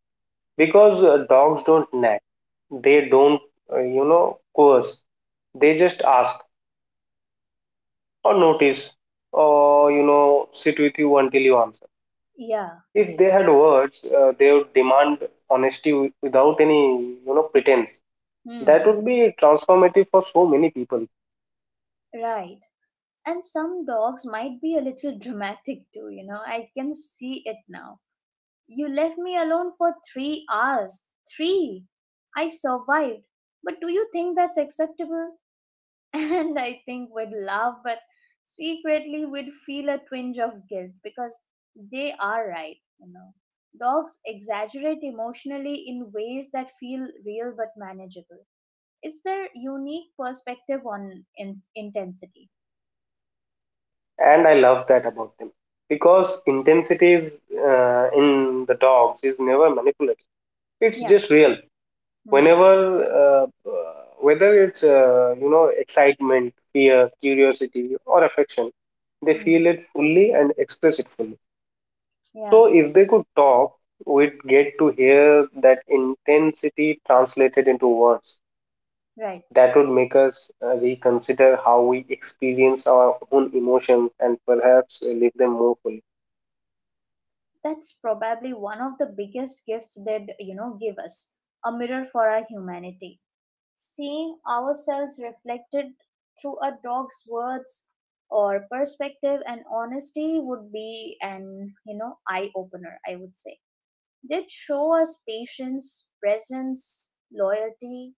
Speaker 2: because dogs don't nag, they don't coerce. They just ask, or notice, or, sit with you until you answer.
Speaker 1: Yeah,
Speaker 2: If they had words, they would demand honesty without any, pretense. That
Speaker 1: hmm,
Speaker 2: would be transformative for so many people.
Speaker 1: right. And some dogs might be a little dramatic too, you know. I can see it now. You left me alone for 3 hours. Three! I survived. But do you think that's acceptable? [LAUGHS] And I think we'd laugh, but secretly we'd feel a twinge of guilt because they are right, Dogs exaggerate emotionally in ways that feel real but manageable. It's their unique perspective on intensity.
Speaker 2: And I love that about them, because intensity is, in the dogs, is never manipulative. It's
Speaker 1: Yeah.
Speaker 2: just real.
Speaker 1: Hmm.
Speaker 2: Whenever uh, uh, Whether it's, excitement, fear, curiosity, or affection, they feel
Speaker 1: Hmm.
Speaker 2: it fully and express it fully.
Speaker 1: Yeah,
Speaker 2: So if they could talk, we'd get to hear that intensity translated into words.
Speaker 1: right.
Speaker 2: That would make us reconsider how we experience our own emotions and perhaps live them more fully.
Speaker 1: That's probably one of the biggest gifts they'd give us a mirror for our humanity. Seeing ourselves reflected through a dog's words or perspective and honesty would be an eye opener, I would say. They'd show us patience, presence, loyalty,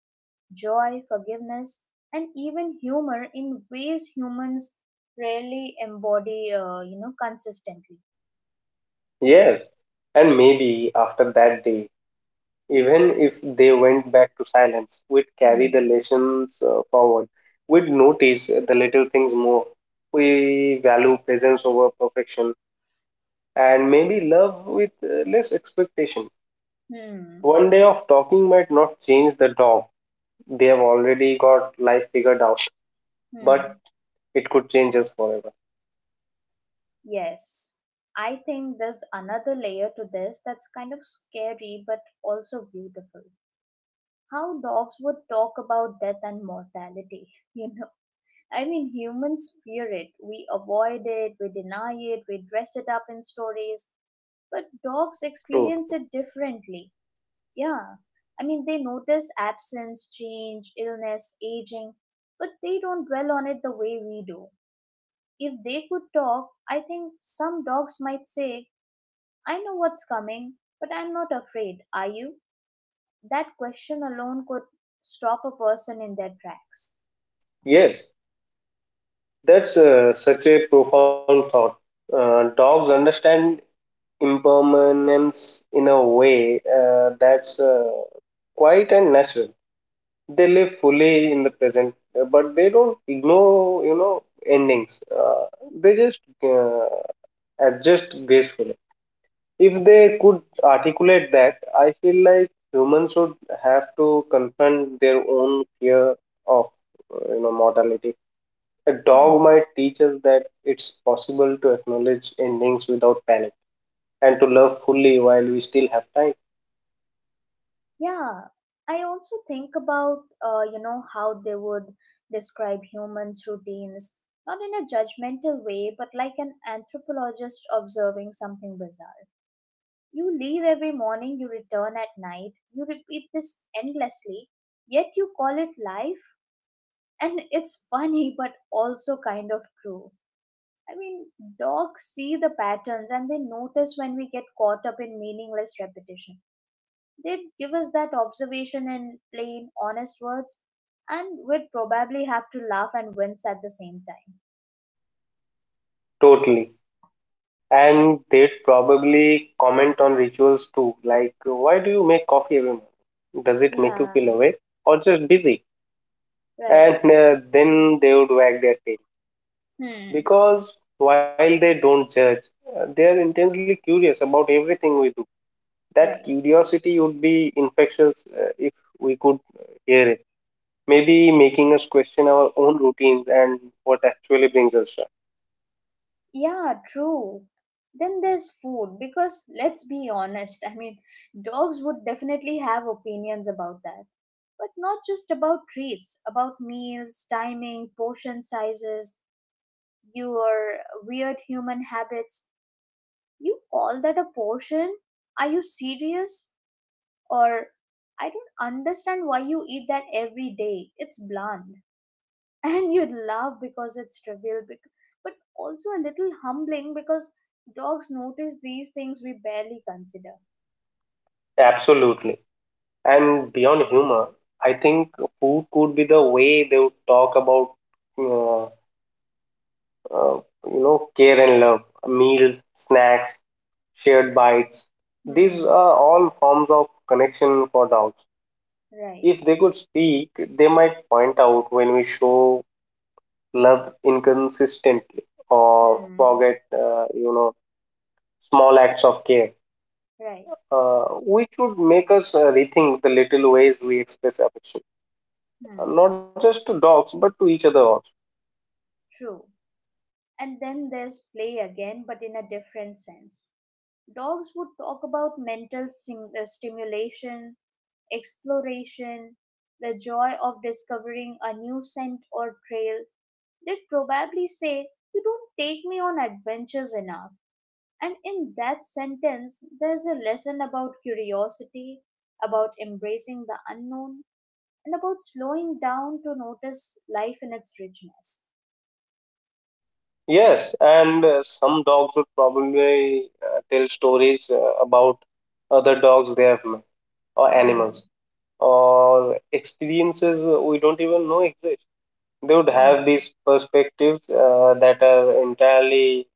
Speaker 1: joy, forgiveness, and even humor in ways humans rarely embody consistently.
Speaker 2: Yes, and maybe after that day, even if they went back to silence, we'd carry the
Speaker 1: Hmm.
Speaker 2: lessons forward. We'd notice the little things more. We value presence over perfection and maybe love with less expectation.
Speaker 1: Hmm.
Speaker 2: One day of talking might not change the dog. They have already got life figured out, but
Speaker 1: Hmm.
Speaker 2: it could change us forever.
Speaker 1: Yes. I think there's another layer to this that's kind of scary but also beautiful. How dogs would talk about death and mortality, [LAUGHS] you know. I mean, humans fear it. We avoid it, we deny it, we dress it up in stories, but dogs
Speaker 2: True.
Speaker 1: experience it differently. Yeah. I mean, they notice absence, change, illness, aging, but they don't dwell on it the way we do. If they could talk, I think some dogs might say, I know what's coming, but I'm not afraid, are you? That question alone could stop a person in their tracks.
Speaker 2: Yes, that's such a profound thought. Dogs understand impermanence in a way that's quiet and natural. They live fully in the present, but they don't ignore, endings. They just adjust gracefully. If they could articulate that, I feel like humans should have to confront their own fear of, mortality. A dog
Speaker 1: Hmm.
Speaker 2: might teach us that it's possible to acknowledge endings without panic and to love fully while we still have time.
Speaker 1: Yeah. I also think about, how they would describe humans' routines, not in a judgmental way, but like an anthropologist observing something bizarre. You leave every morning, you return at night, you repeat this endlessly, yet you call it life? And it's funny, but also kind of true. I mean, dogs see the patterns and they notice when we get caught up in meaningless repetition. They'd give us that observation in plain, honest words, and we'd probably have to laugh and wince at the same time.
Speaker 2: Totally. And they'd probably comment on rituals too, like, why do you make coffee every morning? Does it make you feel
Speaker 1: Yeah,
Speaker 2: awake or just busy?
Speaker 1: right.
Speaker 2: And then they would wag their tail.
Speaker 1: Hmm,
Speaker 2: Because while they don't judge, they are intensely curious about everything we do. That
Speaker 1: right.
Speaker 2: curiosity would be infectious if we could hear it. Maybe making us question our own routines and what actually brings us joy.
Speaker 1: Yeah, true. Then there's food, because let's be honest, I mean, dogs would definitely have opinions about that but not just about treats, about meals, timing, portion sizes, your weird human habits. You call that a portion? Are you serious? Or I don't understand why you eat that every day. It's bland. [LAUGHS] And you laugh because it's trivial, but also a little humbling because dogs notice these things we barely consider.
Speaker 2: Absolutely. And beyond humor, I think food could be the way they would talk about, uh, uh, care and love, meals, snacks, shared bites. These are
Speaker 1: Hmm,
Speaker 2: all forms of connection for dogs.
Speaker 1: right.
Speaker 2: If they could speak, they might point out when we show love inconsistently or
Speaker 1: Hmm,
Speaker 2: forget, small acts of care,
Speaker 1: right.
Speaker 2: uh, which would make us rethink the little ways we express affection,
Speaker 1: Hmm,
Speaker 2: not just to dogs but to each other also.
Speaker 1: true. And then there's play again, but in a different sense. Dogs would talk about mental stimulation, exploration, the joy of discovering a new scent or trail. They'd probably say, you don't take me on adventures enough. And in that sentence, there's a lesson about curiosity, about embracing the unknown, and about slowing down to notice life in its richness.
Speaker 2: Yes, and some dogs would probably tell stories about other dogs they have met, or
Speaker 1: Hmm,
Speaker 2: animals, or experiences we don't even know exist. They would have
Speaker 1: hmm,
Speaker 2: these perspectives that are entirely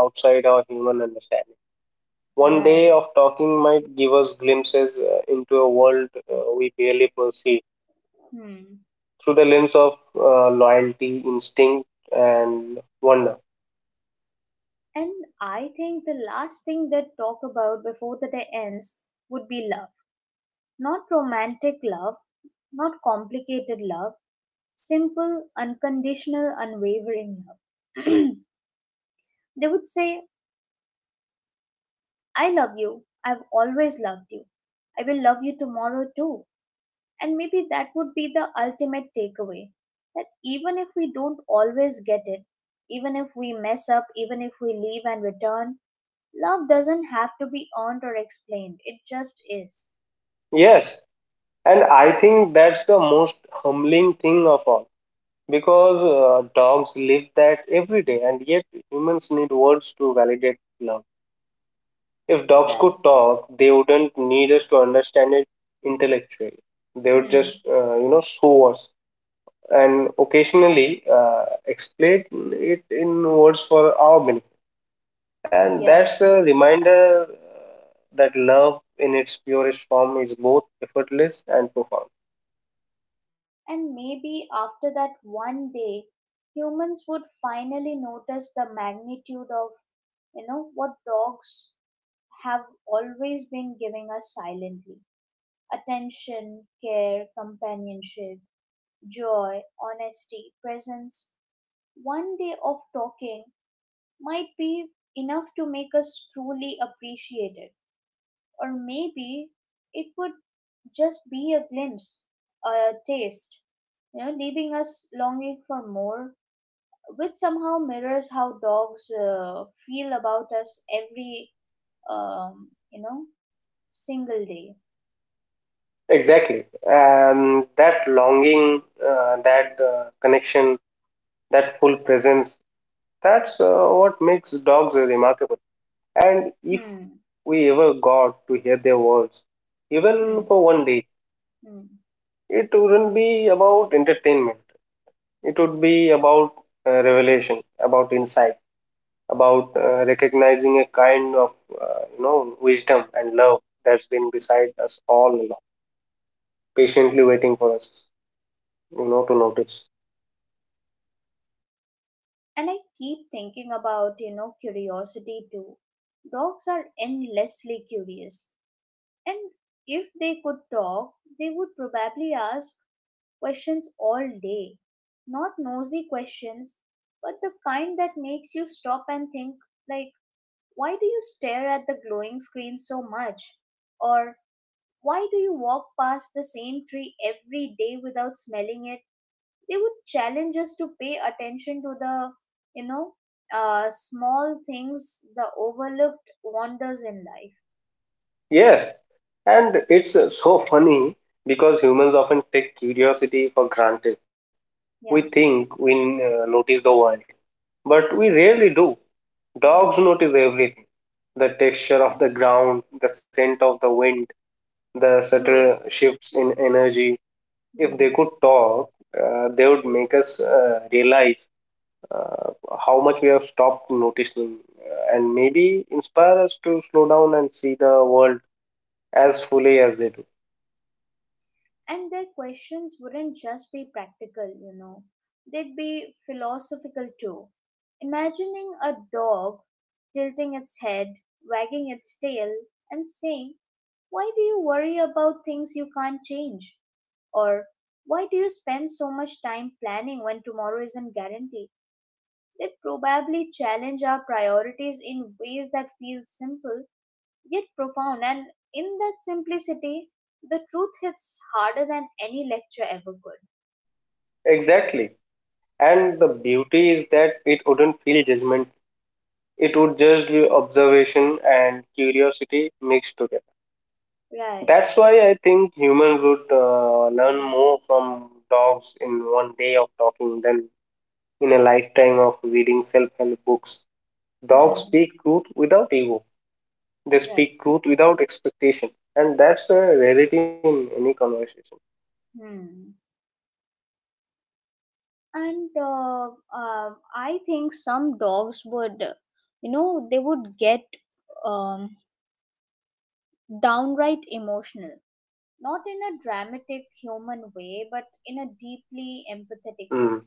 Speaker 2: outside our human understanding. One day
Speaker 1: right.
Speaker 2: of talking might give us glimpses into a world we barely perceive,
Speaker 1: Hmm.
Speaker 2: through the lens of loyalty, instinct, and wonder.
Speaker 1: And I think the last thing they'd talk about before the day ends would be love. Not romantic love, not complicated love, simple, unconditional, unwavering love. [CLEARS THROAT] They would say, I love you. I've always loved you. I will love you tomorrow too. And maybe that would be the ultimate takeaway that even if we don't always get it, even if we mess up, even if we leave and return, love doesn't have to be earned or explained, it just is.
Speaker 2: Yes, and I think that's the most humbling thing of all, because dogs live that every day, and yet humans need words to validate love. If dogs could
Speaker 1: Right.
Speaker 2: talk, they wouldn't need us to understand it intellectually. They would
Speaker 1: Hmm.
Speaker 2: just, show us, and occasionally explain it in words for our benefit. And
Speaker 1: Yeah.
Speaker 2: that's a reminder that love in its purest form is both effortless and profound.
Speaker 1: And maybe after that one day, humans would finally notice the magnitude of, what dogs have always been giving us silently attention, care, companionship, joy, honesty, presence. One day of talking might be enough to make us truly appreciate it. Or maybe it would just be a glimpse, a taste, leaving us longing for more, which somehow mirrors how dogs feel about us every, um, you know, single day.
Speaker 2: Exactly. And that longing, that connection, that full presence, that's what makes dogs remarkable. And if
Speaker 1: Hmm,
Speaker 2: we ever got to hear their words, even
Speaker 1: hmm,
Speaker 2: for one day,
Speaker 1: hmm.
Speaker 2: it wouldn't be about entertainment. It would be about revelation, about insight, about recognizing a kind of, wisdom and love that's been beside us all along, patiently waiting for us to notice.
Speaker 1: And I keep thinking about, curiosity too. Dogs are endlessly curious, and if they could talk, they would probably ask questions all day. Not nosy questions, but the kind that makes you stop and think, like, why do you stare at the glowing screen so much? Or why do you walk past the same tree every day without smelling it? They would challenge us to pay attention to the, you know, uh, small things, the overlooked wonders in life.
Speaker 2: Yes, and it's so funny because humans often take curiosity for granted. We
Speaker 1: Yeah.
Speaker 2: think we notice the world, but we rarely do. Dogs
Speaker 1: Hmm.
Speaker 2: notice everything: the texture of the ground, the scent of the wind, the
Speaker 1: True.
Speaker 2: subtle shifts in energy. If they
Speaker 1: Hmm.
Speaker 2: could talk, they would make us realize uh, how much we have stopped noticing, and maybe inspire us to slow down and see the world as fully as they do.
Speaker 1: And their questions wouldn't just be practical, they'd be philosophical too. Imagining a dog tilting its head, wagging its tail, and saying, why do you worry about things you can't change? Or, why do you spend so much time planning when tomorrow isn't guaranteed? They'd probably challenge our priorities in ways that feel simple yet profound. And in that simplicity, the truth hits harder than any lecture ever could.
Speaker 2: Exactly. And the beauty is that it wouldn't feel judgment. It would just be observation and curiosity mixed together.
Speaker 1: Right.
Speaker 2: That's why I think humans would learn more from dogs in one day of talking than in a lifetime of reading self help books. Dogs
Speaker 1: Hmm.
Speaker 2: speak truth without ego, they
Speaker 1: Right.
Speaker 2: speak truth without expectation. And that's a rarity in any conversation.
Speaker 1: Hmm. And I think some dogs would, they would get um, downright emotional. Not in a dramatic human way, but in a deeply empathetic way.
Speaker 2: Mm,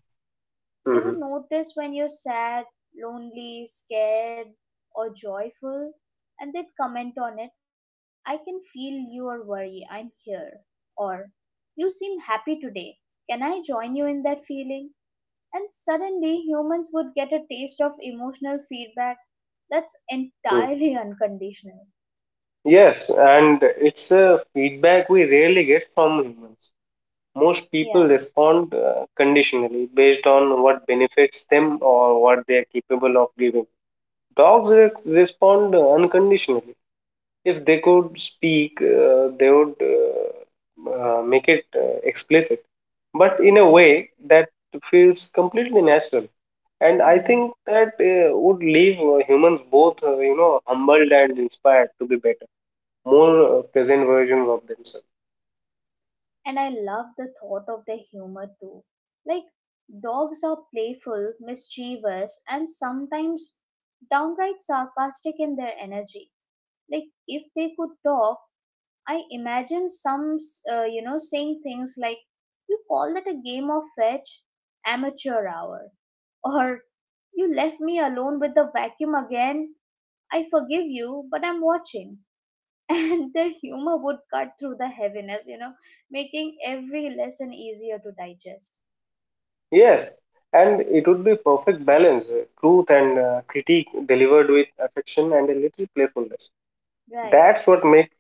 Speaker 1: They would
Speaker 2: mhm,
Speaker 1: notice when you're sad, lonely, scared, or joyful, and they'd comment on it. I can feel your worry. I'm here. Or, you seem happy today. Can I join you in that feeling? And suddenly, humans would get a taste of emotional feedback that's
Speaker 2: mm.
Speaker 1: entirely [LAUGHS] unconditional.
Speaker 2: Yes, and it's a feedback we rarely get from humans. Most people
Speaker 1: Yeah.
Speaker 2: respond conditionally based on what benefits them or what they are capable of giving. Dogs respond unconditionally. If they could speak, they would make it explicit, but in a
Speaker 1: Hmm.
Speaker 2: way that feels completely natural. And I
Speaker 1: Hmm.
Speaker 2: think that would leave humans both, humbled and inspired to be better, more present versions of themselves.
Speaker 1: And I love the thought of the humor too. Like, dogs are playful, mischievous, and sometimes downright sarcastic in their energy. Like, if they could talk, I imagine some saying things like, "You call that a game of fetch, amateur hour," [LAUGHS] or "You left me alone with the vacuum again. I forgive you, but I'm watching." [LAUGHS] And their humor would cut through the heaviness, making every lesson easier to digest.
Speaker 2: Yes, and it would be perfect balance, truth and critique delivered with affection and a little playfulness.
Speaker 1: Right.
Speaker 2: That's what make,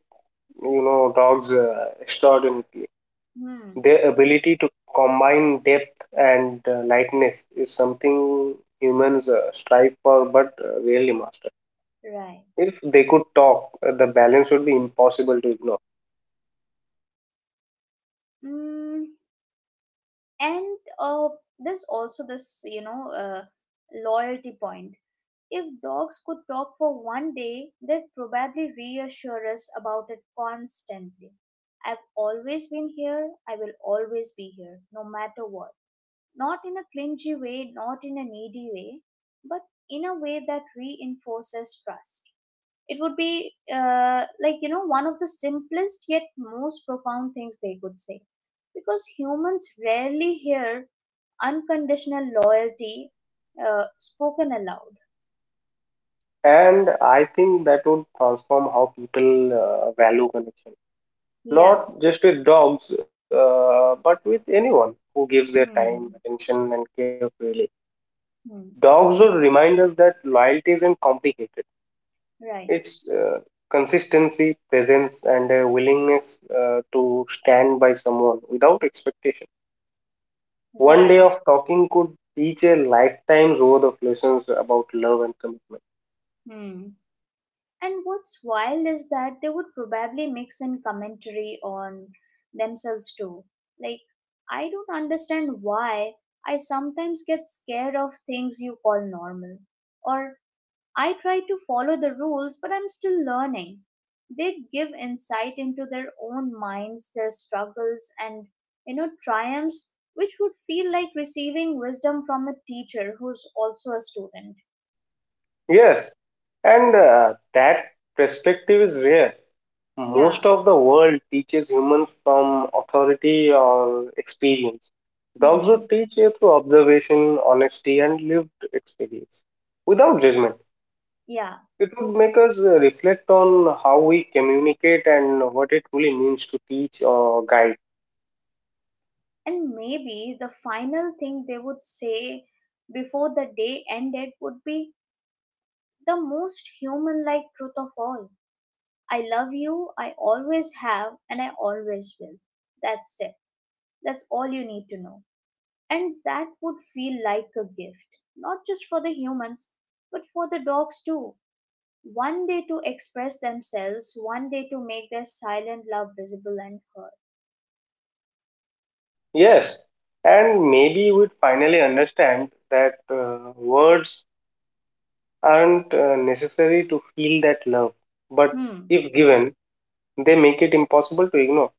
Speaker 2: you know, dogs extraordinary.
Speaker 1: Hmm.
Speaker 2: Their ability to combine depth and lightness is something humans strive for, but rarely master.
Speaker 1: Right.
Speaker 2: If they could talk, the balance would be impossible to ignore.
Speaker 1: Mm. And there's also this, loyalty point. If dogs could talk for one day, they'd probably reassure us about it constantly. I've always been here, I will always be here, no matter what. Not in a clingy way, not in a needy way, but in a way that reinforces trust. It would be one of the simplest yet most profound things they could say. Because humans rarely hear unconditional loyalty spoken aloud.
Speaker 2: And I think that would transform how people value connection,
Speaker 1: Yeah.
Speaker 2: not just with dogs, but with anyone who gives their time,
Speaker 1: Hmm.
Speaker 2: attention, and care freely.
Speaker 1: Hmm.
Speaker 2: Dogs would remind us that loyalty isn't complicated.
Speaker 1: Right.
Speaker 2: It's consistency, presence, and a willingness to stand by someone without expectation. One day
Speaker 1: Right.
Speaker 2: of talking could teach a lifetime's worth of lessons about love and commitment.
Speaker 1: Hmm. And what's wild is that they would probably mix in commentary on themselves too. Like, I don't understand why I sometimes get scared of things you call normal. Or I try to follow the rules, but I'm still learning. They give insight into their own minds, their struggles, and triumphs, which would feel like receiving wisdom from a teacher who's also a student.
Speaker 2: Yes, and that perspective is rare.
Speaker 1: Yeah,
Speaker 2: Most of the world teaches humans from authority or experience. Dogs would
Speaker 1: hmm,
Speaker 2: teach you through observation, honesty, and lived experience without judgment.
Speaker 1: yeah.
Speaker 2: It would make us reflect on how we communicate and what it really means to teach or guide.
Speaker 1: And maybe the final thing they would say before the day ended would be the most human like truth of all. I love you, I always have, and I always will. That's it. That's all you need to know. And that would feel like a gift, not just for the humans, but for the dogs too. One day to express themselves, one day to make their silent love visible and heard.
Speaker 2: Yes, and maybe we'd finally understand that words aren't necessary to feel that love, but
Speaker 1: Hmm.
Speaker 2: if given, they make it impossible to ignore.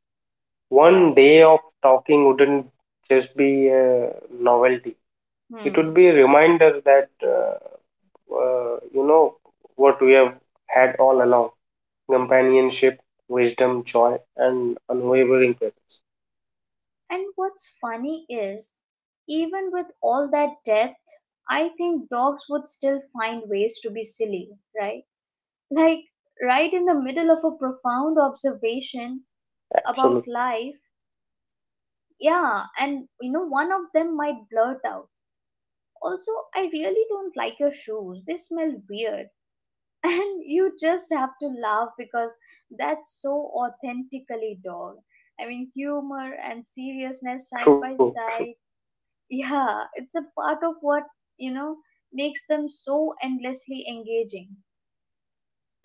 Speaker 2: One
Speaker 1: Right.
Speaker 2: day of talking wouldn't just be a novelty. It would
Speaker 1: Hmm.
Speaker 2: be a reminder that, uh, you know, what we have had all along: companionship, wisdom, joy, and unwavering presence.
Speaker 1: And what's funny is, even with all that depth, I think dogs would still find ways to be silly, right? Like, right in the middle of a profound observation about
Speaker 2: Absolute,
Speaker 1: life, yeah, and one of them might blurt out, also, I really don't like your shoes. They smell weird. [LAUGHS] And you just have to laugh because that's so authentically dog. I mean, humor and seriousness side
Speaker 2: true,
Speaker 1: by side. Yeah, it's a part of what, you know, makes them so endlessly engaging.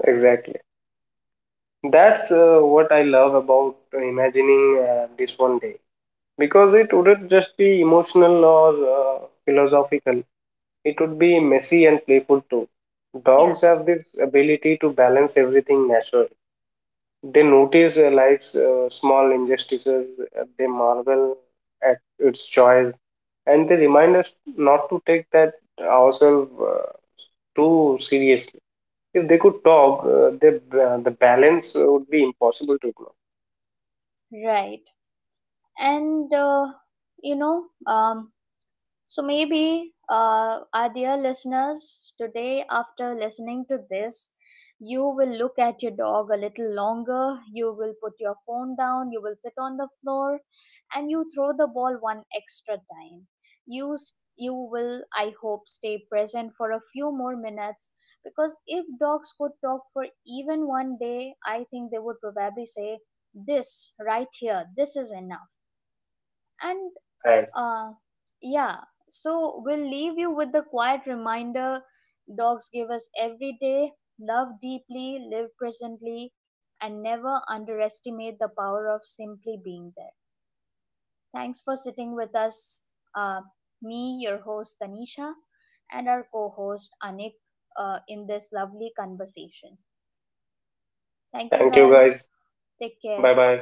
Speaker 2: exactly. That's what I love about imagining this one day, because it wouldn't just be emotional or philosophical. It would be messy and playful too.
Speaker 1: Yeah,
Speaker 2: Dogs have this ability to balance everything naturally. They notice life's small injustices, they marvel at its joys, and they remind us not to take that ourselves too seriously. If they could talk, the balance would be impossible to ignore.
Speaker 1: right. And, uh, you know, um, So maybe, our dear listeners, today after listening to this, you will look at your dog a little longer. You will put your phone down. You will sit on the floor, and you throw the ball one extra time. You will, I hope, stay present for a few more minutes because if dogs could talk for even one day, I think they would probably say, "This right here, this is enough." And
Speaker 2: And
Speaker 1: uh, yeah. So we'll leave you with the quiet reminder dogs give us every day. Love deeply, live presently, and never underestimate the power of simply being there. Thanks for sitting with us. Uh, Me, your host Tanisha, and our co host Anik in this lovely conversation.
Speaker 2: thank
Speaker 1: Thank
Speaker 2: you
Speaker 1: you
Speaker 2: guys.
Speaker 1: guys. Take
Speaker 2: Bye
Speaker 1: care.
Speaker 2: bye.